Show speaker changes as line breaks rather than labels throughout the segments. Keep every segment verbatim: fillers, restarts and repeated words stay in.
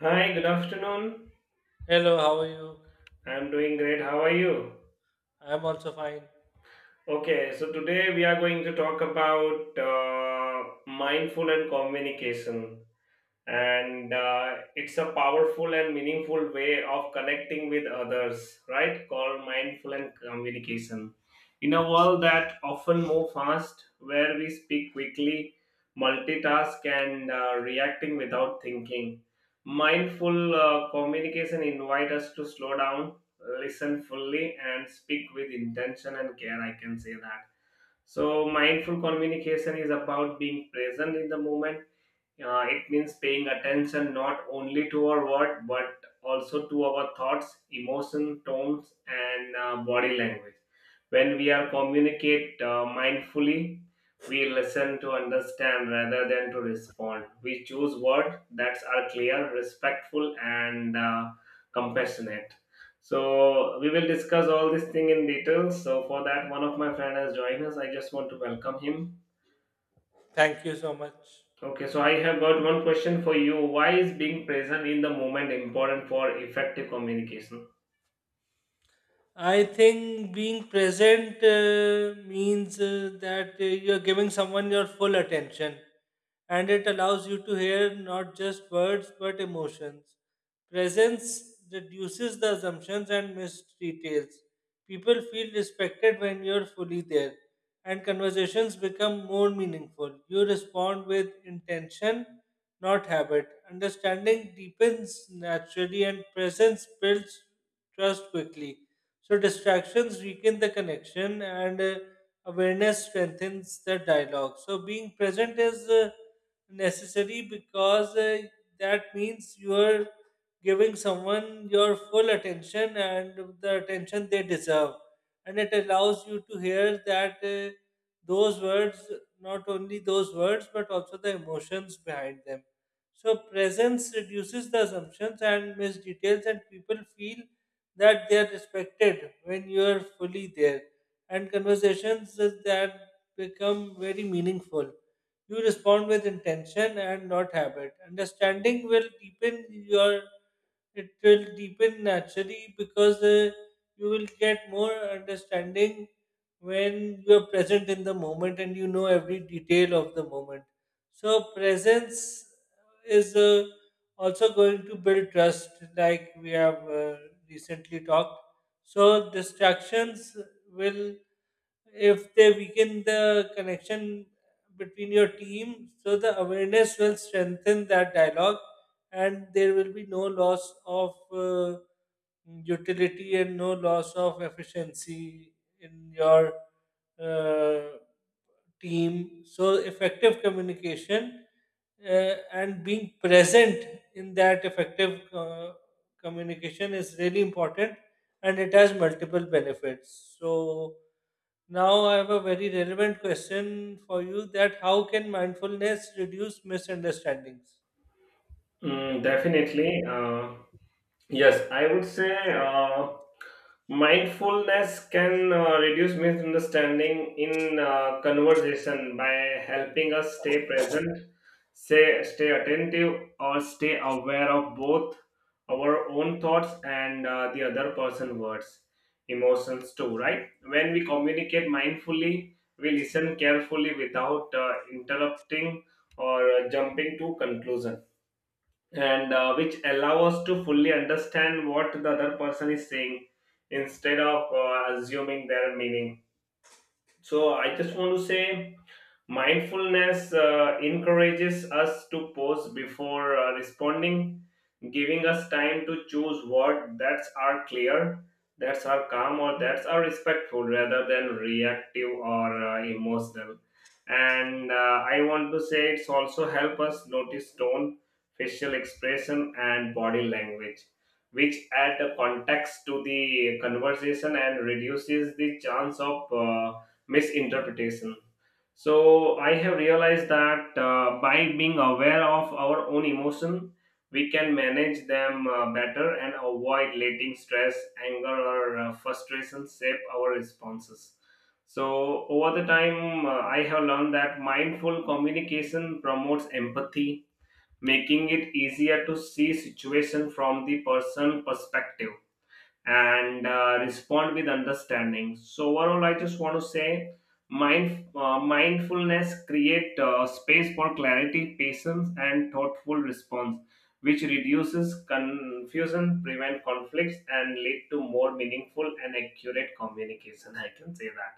Hi, good afternoon.
Hello, how are you?
I'm doing great. How are you?
I'm also fine.
Okay, so today we are going to talk about uh, mindful and communication. and uh, it's a powerful and meaningful way of connecting with others, right? Called mindful and communication in a world that often move fast, where we speak quickly, multitask, and uh, reacting without thinking. Mindful uh, communication invite us to slow down, listen fully, and speak with intention and care, I can say that. So mindful communication is about being present in the moment. Uh, it means paying attention not only to our word, but also to our thoughts, emotion, tones, and uh, body language. When we are communicate uh, mindfully, we listen to understand rather than to respond. We choose words that are clear, respectful, and uh, compassionate. So we will discuss all this thing in detail. So for that, one of my friend has joined us. I just want to welcome him.
Thank you so much.
Okay, so I have got one question for you. Why is being present in the moment important for effective communication?
I think being present uh, means uh, that uh, you're giving someone your full attention, and it allows you to hear not just words but emotions. Presence reduces the assumptions and mistreats. People feel respected when you're fully there, and conversations become more meaningful. You respond with intention, not habit. Understanding deepens naturally, and presence builds trust quickly, so distractions weaken the connection, and uh, awareness strengthens the dialogue. So being present is uh, necessary because uh, that means you are giving someone your full attention and the attention they deserve, and it allows you to hear that. Uh, those words, Not only those words, but also the emotions behind them. So presence reduces the assumptions and missed details, and people feel that they are respected when you are fully there, and conversations that become very meaningful. You respond with intention and not habit. Understanding will deepen your It will deepen naturally because uh, you will get more understanding when you are present in the moment and you know every detail of the moment. So, presence is uh, also going to build trust, like we have uh, recently talked. So, distractions will, if they weaken the connection between your team, so the awareness will strengthen that dialogue, and there will be no loss of uh, utility and no loss of efficiency in your uh, team. So effective communication uh, and being present in that effective uh, communication is really important, and it has multiple benefits. So now I have a very relevant question for you: that how can mindfulness reduce misunderstandings?
Mm, definitely. Uh, Yes, I would say uh, mindfulness can uh, reduce misunderstanding in uh, conversation by helping us stay present, say, stay attentive, or stay aware of both our own thoughts and uh, the other person's words, emotions too, right? When we communicate mindfully, we listen carefully without uh, interrupting or uh, jumping to conclusion, and uh, which allow us to fully understand what the other person is saying instead of uh, assuming their meaning. So I just want to say, mindfulness uh, encourages us to pause before uh, responding, giving us time to choose what that's our clear, that's our calm, or that's our respectful rather than reactive or uh, emotional. And uh, I want to say it's also help us notice tone, facial expression, and body language, which add the context to the conversation and reduces the chance of uh, misinterpretation. So I have realized that uh, by being aware of our own emotion, we can manage them uh, better and avoid letting stress, anger, or uh, frustration shape our responses. So over the time, uh, I have learned that mindful communication promotes empathy, making it easier to see situation from the person perspective and uh, respond with understanding. So overall, I just want to say, mind uh, mindfulness create uh, space for clarity, patience, and thoughtful response, which reduces confusion, prevent conflicts, and lead to more meaningful and accurate communication. I can say that.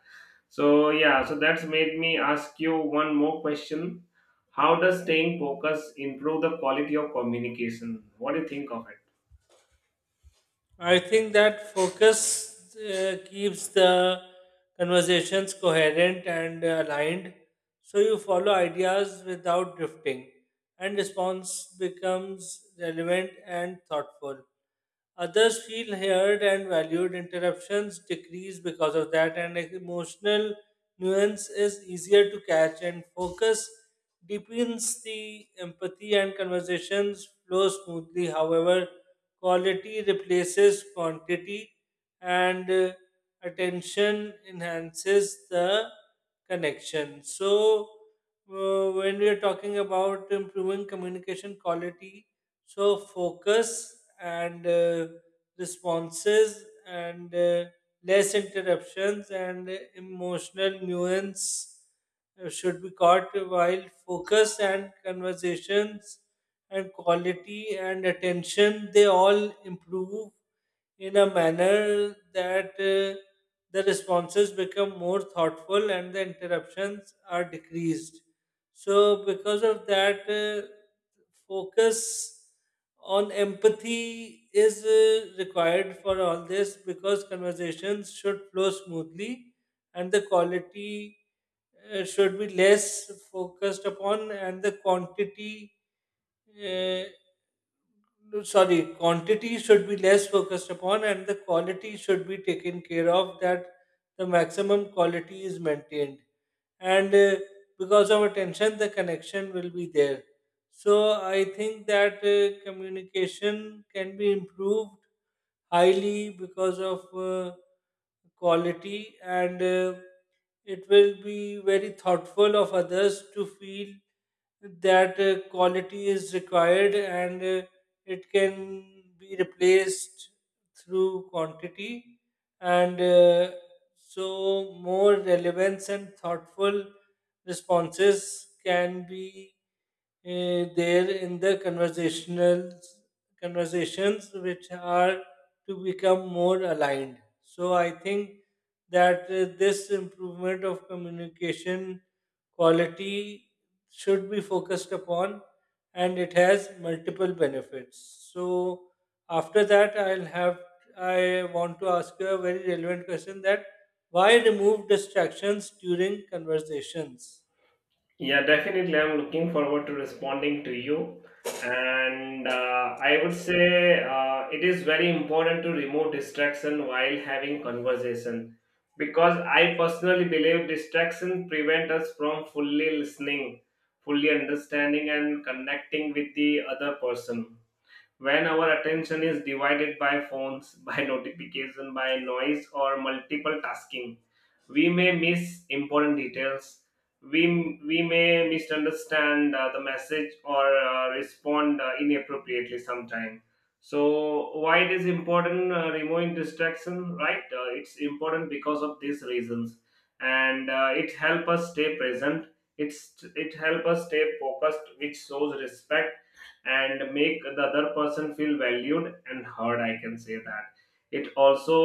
So yeah, so that's made me ask you one more question. How does staying focused improve the quality of communication? What do you think of it?
I think that focus uh, keeps the conversations coherent and aligned, so you follow ideas without drifting, and response becomes relevant and thoughtful. Others feel heard and valued. Interruptions decrease because of that, and emotional nuance is easier to catch. And focus deepens the empathy, and conversations flow smoothly. However, quality replaces quantity, and uh, attention enhances the connection. So, uh, when we are talking about improving communication quality, so focus and uh, responses and uh, less interruptions and emotional nuance uh, should be caught, while focus and conversations and quality and attention, they all improve in a manner that uh, the responses become more thoughtful and the interruptions are decreased. So because of that, uh, focus on empathy is uh, required for all this, because conversations should flow smoothly and the quality uh, should be less focused upon, and the quantity, uh, no, sorry quantity should be less focused upon and the quality should be taken care of, that the maximum quality is maintained. And uh, because of attention, the connection will be there. So I think that uh, communication can be improved highly because of uh, quality, and uh, it will be very thoughtful of others to feel that uh, quality is required, and uh, it can be replaced through quantity, and uh, so more relevance and thoughtful responses can be uh, there in the conversational conversations, which are to become more aligned. So I think that uh, this improvement of communication quality should be focused upon, and it has multiple benefits. So after that, i'll have I want to ask you a very relevant question: that why remove distractions during conversations?
Yeah, definitely. I'm looking forward to responding to you. And uh, I would say uh, it is very important to remove distraction while having conversation because I personally believe distraction prevent us from fully listening, fully understanding, and connecting with the other person. When our attention is divided by phones, by notification, by noise, or multiple tasking, we may miss important details. We, we may misunderstand uh, the message or uh, respond uh, inappropriately sometime. So, why it is important uh, removing distraction, right? Uh, it's important because of these reasons, and uh, it help us stay present. It's it help us stay focused, which shows respect and make the other person feel valued and heard, I can say that. it also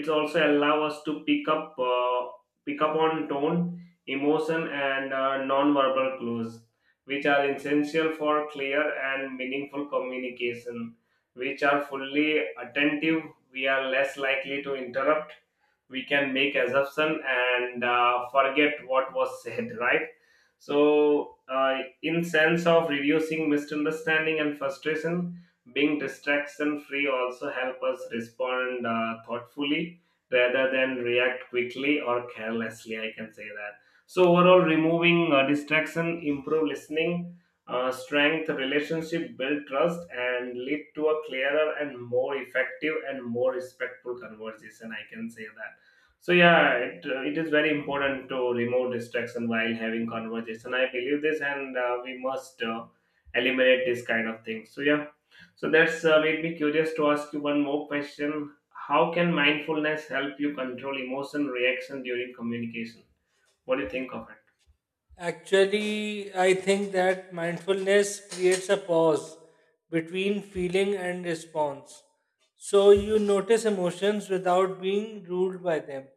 it also allow us to pick up uh, pick up on tone, emotion, and uh, non-verbal clues, which are essential for clear and meaningful communication. Which are fully attentive, we are less likely to interrupt. We can make assumption and uh, forget what was said right? So uh, in sense of reducing misunderstanding and frustration, being distraction free also help us respond uh, thoughtfully rather than react quickly or carelessly, I can say that. So overall, removing uh, distraction improve listening, uh, strength relationship, build trust, and lead to a clearer and more effective and more respectful conversation, I can say that. So yeah, it, uh, it is very important to remove distraction while having conversation. I believe this, and uh, we must uh, eliminate this kind of thing. So yeah, so that's uh, made me curious to ask you one more question. How can mindfulness help you control emotion reaction during communication? What do you think of it?
Actually, I think that mindfulness creates a pause between feeling and response. So you notice emotions without being ruled by them.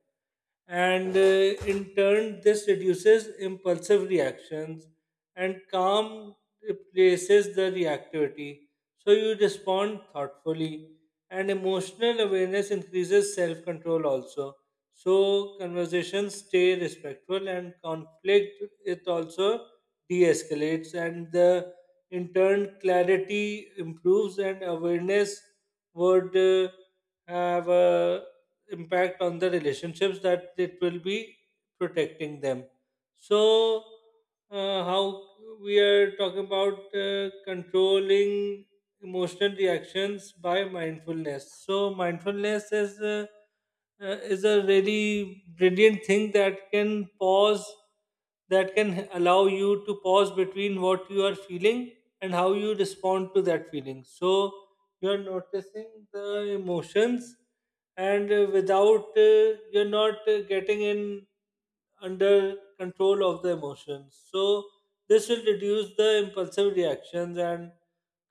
And uh, in turn, this reduces impulsive reactions, and calm replaces the reactivity. So you respond thoughtfully, and emotional awareness increases self control also. So conversations stay respectful, and conflict, it also de-escalates, and the, in turn, clarity improves, and awareness would uh, have a impact on the relationships, that it will be protecting them. So uh, how we are talking about uh, controlling emotional reactions by mindfulness. So mindfulness is uh, uh, is a really brilliant thing that can pause, that can allow you to pause between what you are feeling and how you respond to that feeling. So you're noticing the emotions and uh, without uh, you're not uh, getting in under control of the emotions, so this will reduce the impulsive reactions, and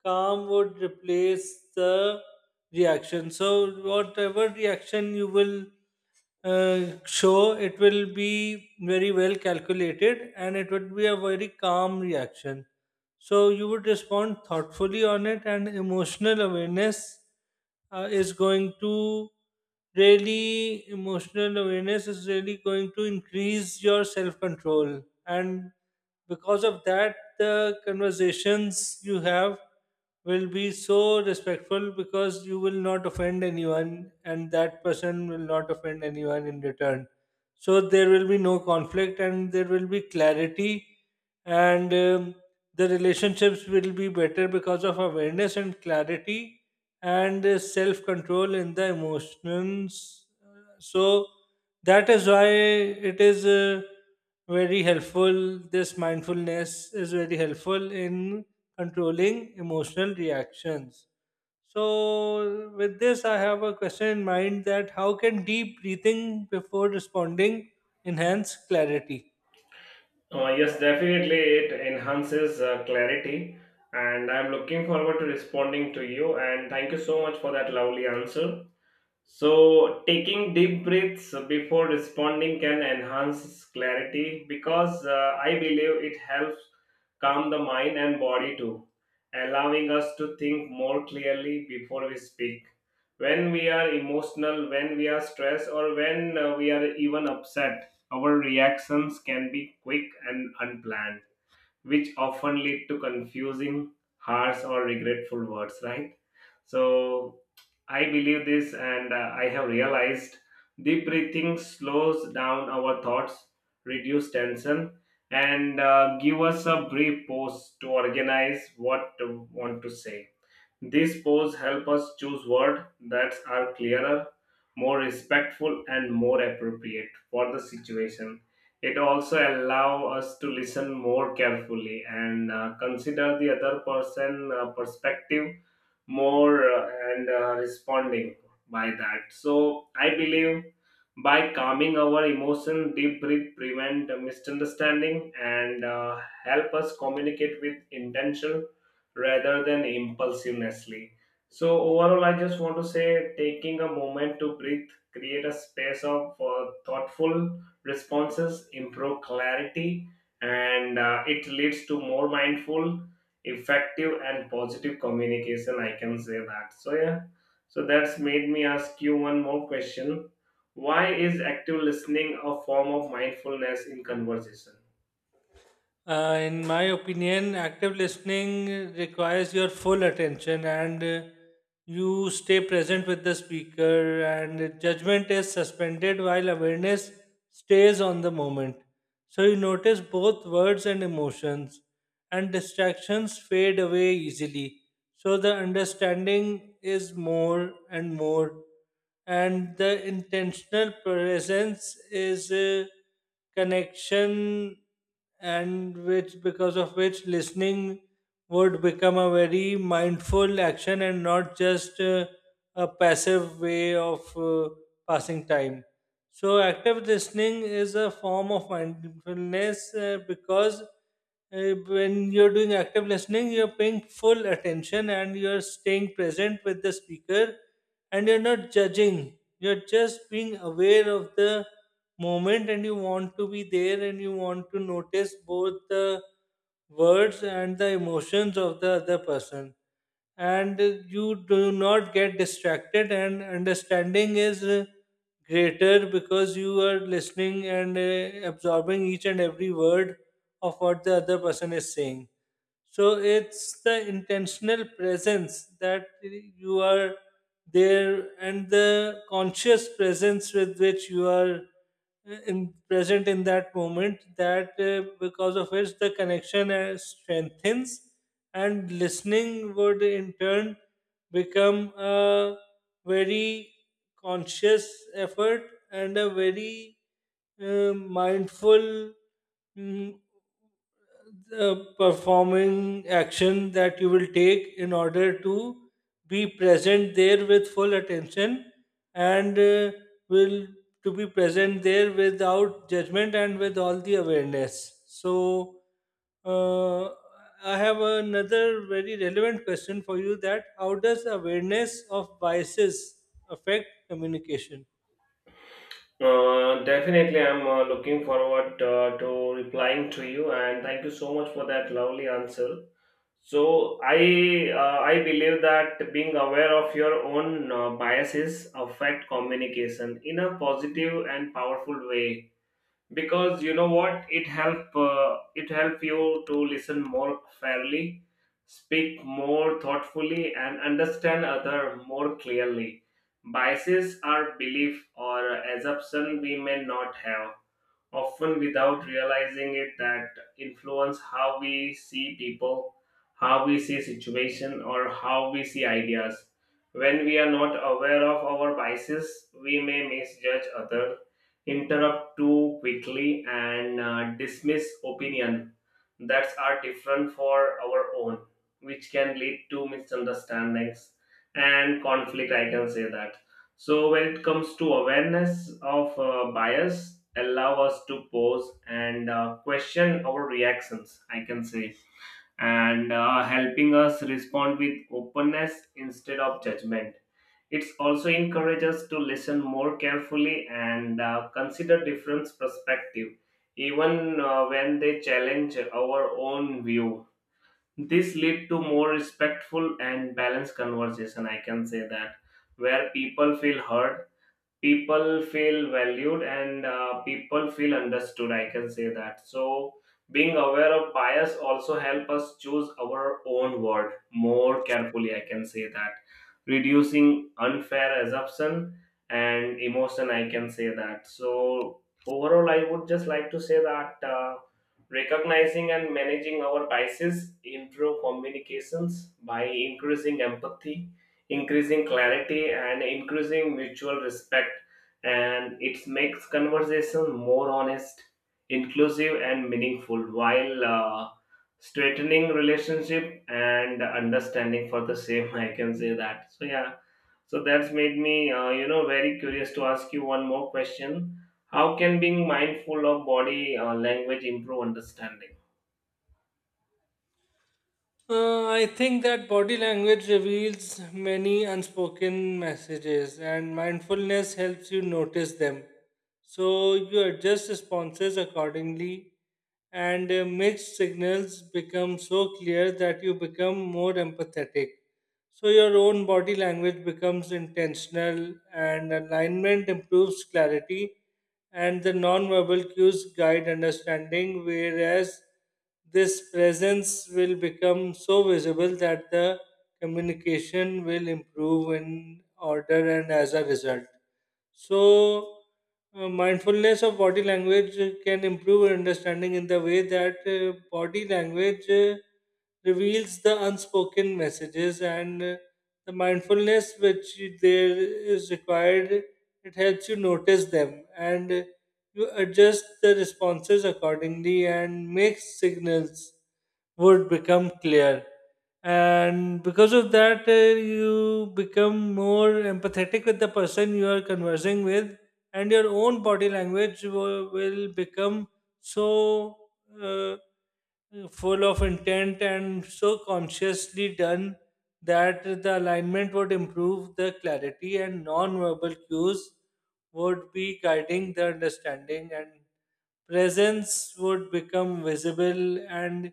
calm would replace the reaction. So whatever reaction you will uh, show, it will be very well calculated, and it would be a very calm reaction. So you would respond thoughtfully on it, and emotional awareness uh, is going to really emotional awareness is really going to increase your self control, and because of that, the conversations you have will be so respectful because you will not offend anyone, and that person will not offend anyone in return. So there will be no conflict and there will be clarity, and um, the relationships will be better because of awareness and clarity and uh, self-control in the emotions. So that is why it is uh, very helpful this mindfulness is very helpful in controlling emotional reactions. So, with this, I have a question in mind: that how can deep breathing before responding enhance clarity?
Uh, yes, definitely it enhances uh, clarity, and I'm looking forward to responding to you. And thank you so much for that lovely answer. So, taking deep breaths before responding can enhance clarity because uh, I believe it helps calm the mind and body too, allowing us to think more clearly before we speak. When we are emotional, when we are stressed, or when uh, we are even upset, our reactions can be quick and unplanned, which often lead to confusing, harsh, or regretful words, right? So I believe this, and uh, I have realized deep breathing slows down our thoughts, reduce tension, and uh, give us a brief pause to organize what to want to say. These polls help us choose words that are clearer, more respectful, and more appropriate for the situation. It also allows us to listen more carefully and uh, consider the other person uh, perspective more uh, and uh, responding by that. So I believe by calming our emotion, deep breath prevent misunderstanding and uh, help us communicate with intention rather than impulsivenessly. So, overall, I just want to say taking a moment to breathe, create a space of uh, thoughtful responses, improve clarity, and uh, it leads to more mindful, effective, and positive communication. I can say that. So, yeah, so that's made me ask you one more question. Why is active listening a form of mindfulness in conversation?
Uh, in my opinion, active listening requires your full attention, and uh, you stay present with the speaker, and judgment is suspended while awareness stays on the moment. So you notice both words and emotions, and distractions fade away easily. So the understanding is more and more, and the intentional presence is. Uh, connection, and which because of which listening would become a very mindful action and not just uh, a passive way of uh, passing time. So active listening is a form of mindfulness uh, because uh, when you're doing active listening, you're paying full attention and you're staying present with the speaker, and you're not judging. You're just being aware of the moment, and you want to be there, and you want to notice both the words and the emotions of the other person. And you do not get distracted, and understanding is uh, greater because you are listening and uh, absorbing each and every word of what the other person is saying. So it's the intentional presence that you are there, and the conscious presence with which you are uh, in, present in that moment, that uh, because of which the connection uh, strengthens, and listening would in turn become a very conscious effort and a very uh, mindful mm, the performing action that you will take in order to be present there with full attention, and uh, will to be present there without judgment and with all the awareness. So uh, I have another very relevant question for you: that how does awareness of biases affect communication?
Uh, definitely, I'm uh, looking forward uh, to replying to you, and thank you so much for that lovely answer. So, I uh, I believe that being aware of your own uh, biases affect communication in a positive and powerful way, because you know what, it help uh, it help you to listen more fairly, speak more thoughtfully, and understand other more clearly. Biases are belief or assumption we may not have, often without realizing it, that influence how we see people, how we see situation, or how we see ideas. When we are not aware of our biases, we may misjudge other, interrupt too quickly, and uh, dismiss opinion that are different for our own, which can lead to misunderstandings and conflict. I can say that. So when it comes to awareness of uh, bias, allow us to pause and uh, question our reactions, I can say, and uh, helping us respond with openness instead of judgment. It's also encourages us to listen more carefully and uh, consider different perspective, even uh, when they challenge our own view. This lead to more respectful and balanced conversation. I can say that, where people feel heard, people feel valued, and uh, people feel understood, I can say that. So being aware of bias also help us choose our own word more carefully, I can say that, reducing unfair assumption and emotion, I can say that. So overall, I would just like to say that uh, recognizing and managing our biases improve communications by increasing empathy, increasing clarity, and increasing mutual respect. And it makes conversation more honest, inclusive, and meaningful, while uh, straightening relationship and understanding for the same I can say that. So yeah, so that's made me uh, you know, very curious to ask you one more question. How can being mindful of body uh, language improve understanding?
Uh, I think that body language reveals many unspoken messages, and mindfulness helps you notice them. So you adjust responses accordingly, and uh, mixed signals become so clear that you become more empathetic. So your own body language becomes intentional, and alignment improves clarity, and the non-verbal cues guide understanding, whereas this presence will become so visible that the communication will improve in order and as a result. So, uh, mindfulness of body language can improve understanding in the way that uh, body language uh, reveals the unspoken messages, and uh, the mindfulness which you- there is required. It helps you notice them, and uh, you adjust the responses accordingly, and make signals would become clear, and because of that, uh, you become more empathetic with the person you are conversing with, and your own body language will, will become so uh, full of intent and so consciously done that the alignment would improve the clarity, and non-verbal cues would be guiding the understanding, and presence would become visible, and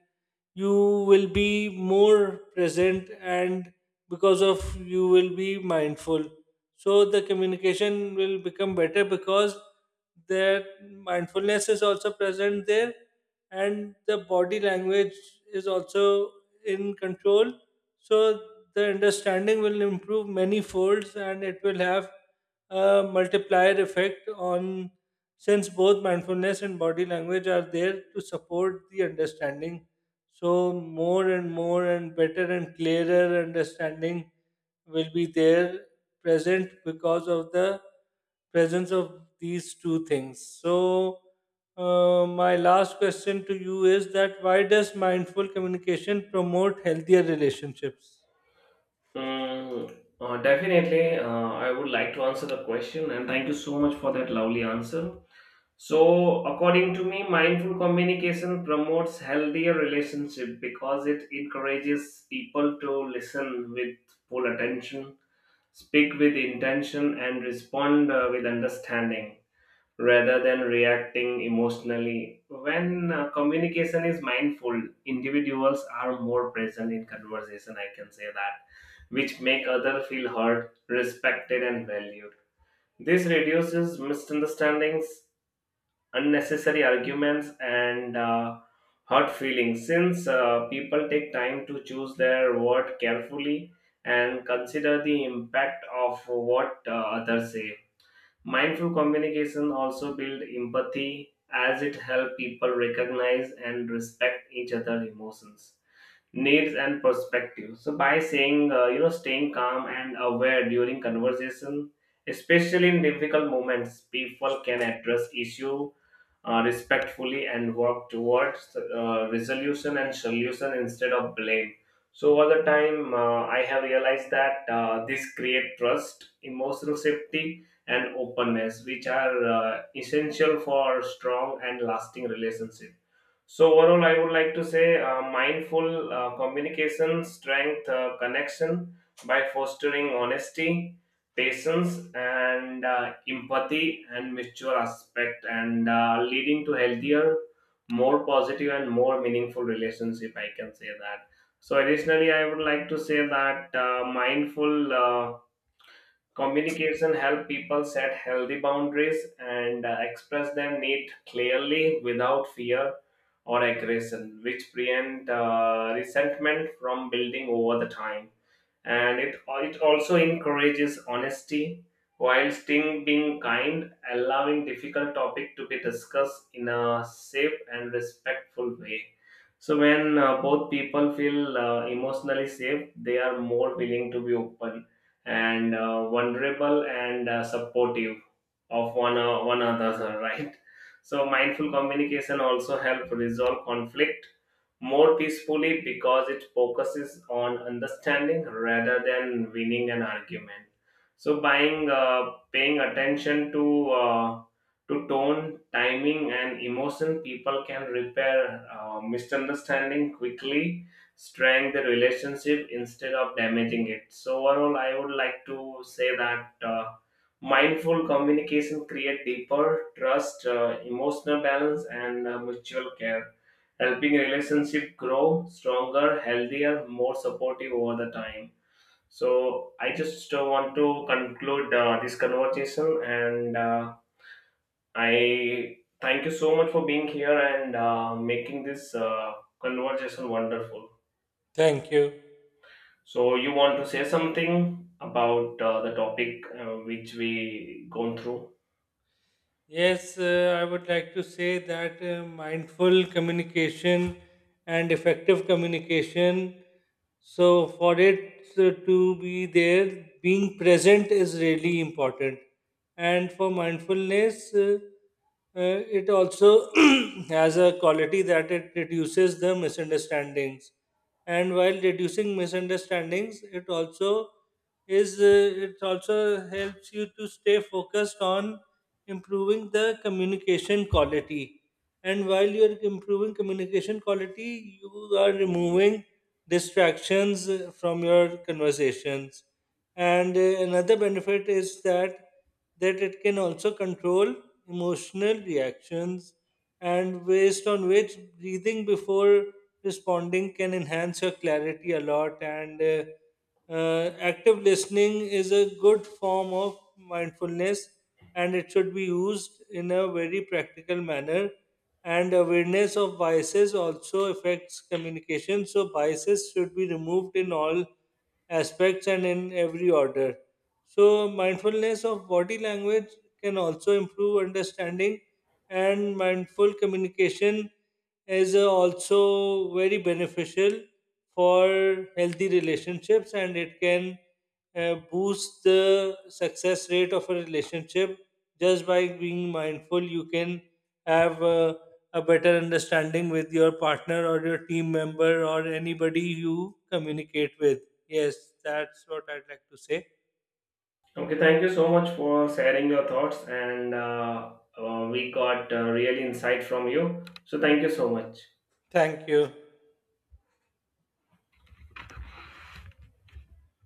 you will be more present, and because of you will be mindful, so the communication will become better because the mindfulness is also present there, and the body language is also in control. So the understanding will improve many folds, and it will have a multiplier effect on, since both mindfulness and body language are there to support the understanding, so more and more and better and clearer understanding will be there present because of the presence of these two things. So uh, my last question to you is that why does mindful communication promote healthier relationships?
Mm, uh, definitely, uh, I would like to answer the question, and thank you so much for that lovely answer. So, according to me, mindful communication promotes healthier relationship because it encourages people to listen with full attention, speak with intention, and respond uh, with understanding rather than reacting emotionally. When uh, communication is mindful, individuals are more present in conversation, I can say that, which make other feel heard, respected, and valued. This reduces misunderstandings, unnecessary arguments, and uh, hurt feelings, since uh, people take time to choose their word carefully and consider the impact of what uh, others say. Mindful communication also build empathy, as it help people recognize and respect each other emotions, needs, and perspective. So by saying, uh, you know, staying calm and aware during conversation, especially in difficult moments, people can address issue uh, respectfully and work towards uh, resolution and solution instead of blame. So over the time, uh, I have realized that uh, this create trust, emotional safety, and openness, which are uh, essential for strong and lasting relationship. So overall, I would like to say uh, mindful uh, communication strength uh, connection by fostering honesty, patience, and uh, empathy and mutual aspect, and uh, leading to healthier, more positive, and more meaningful relationship. I can say that. So additionally, I would like to say that uh, mindful. Uh, Communication help people set healthy boundaries and uh, express their need clearly without fear or aggression, which prevent uh, resentment from building over the time. And it, it also encourages honesty while still being kind, allowing difficult topic to be discussed in a safe and respectful way. So when uh, both people feel uh, emotionally safe, they are more willing to be open and uh, vulnerable and uh, supportive of one uh, one another right? So mindful communication also help resolve conflict more peacefully because it focuses on understanding rather than winning an argument. So buying uh, paying attention to uh, to tone, timing, and emotion, people can repair uh, misunderstanding quickly, strengthen the relationship instead of damaging it. So overall, I would like to say that uh, mindful communication create deeper trust, uh, emotional balance, and uh, mutual care, helping relationship grow stronger, healthier, more supportive over the time. So I just uh, want to conclude uh, this conversation, and uh, I thank you so much for being here and uh, making this uh, conversation wonderful.
Thank you.
So you want to say something about uh, the topic uh, which we gone through?
Yes, uh, I would like to say that uh, mindful communication and effective communication. So, for it uh, to be there, being present is really important. And for mindfulness, uh, uh, it also has a quality that it reduces the misunderstandings, and while reducing misunderstandings, it also is uh, it also helps you to stay focused on improving the communication quality, and while you are improving communication quality, you are removing distractions uh, from your conversations. And uh, another benefit is that that it can also control emotional reactions, and based on which, breathing before responding can enhance your clarity a lot. And uh, uh, active listening is a good form of mindfulness, and it should be used in a very practical manner. And awareness of biases also affects communication, so biases should be removed in all aspects and in every order. So, mindfulness of body language can also improve understanding, and mindful communication is uh, also very beneficial for healthy relationships, and it can uh, boost the success rate of a relationship. Just by being mindful, you can have a, a better understanding with your partner or your team member or anybody you communicate with. Yes, that's what I'd like to say.
Okay, thank you so much for sharing your thoughts, and uh, uh, we got uh, real insight from you. So thank you so much.
Thank you.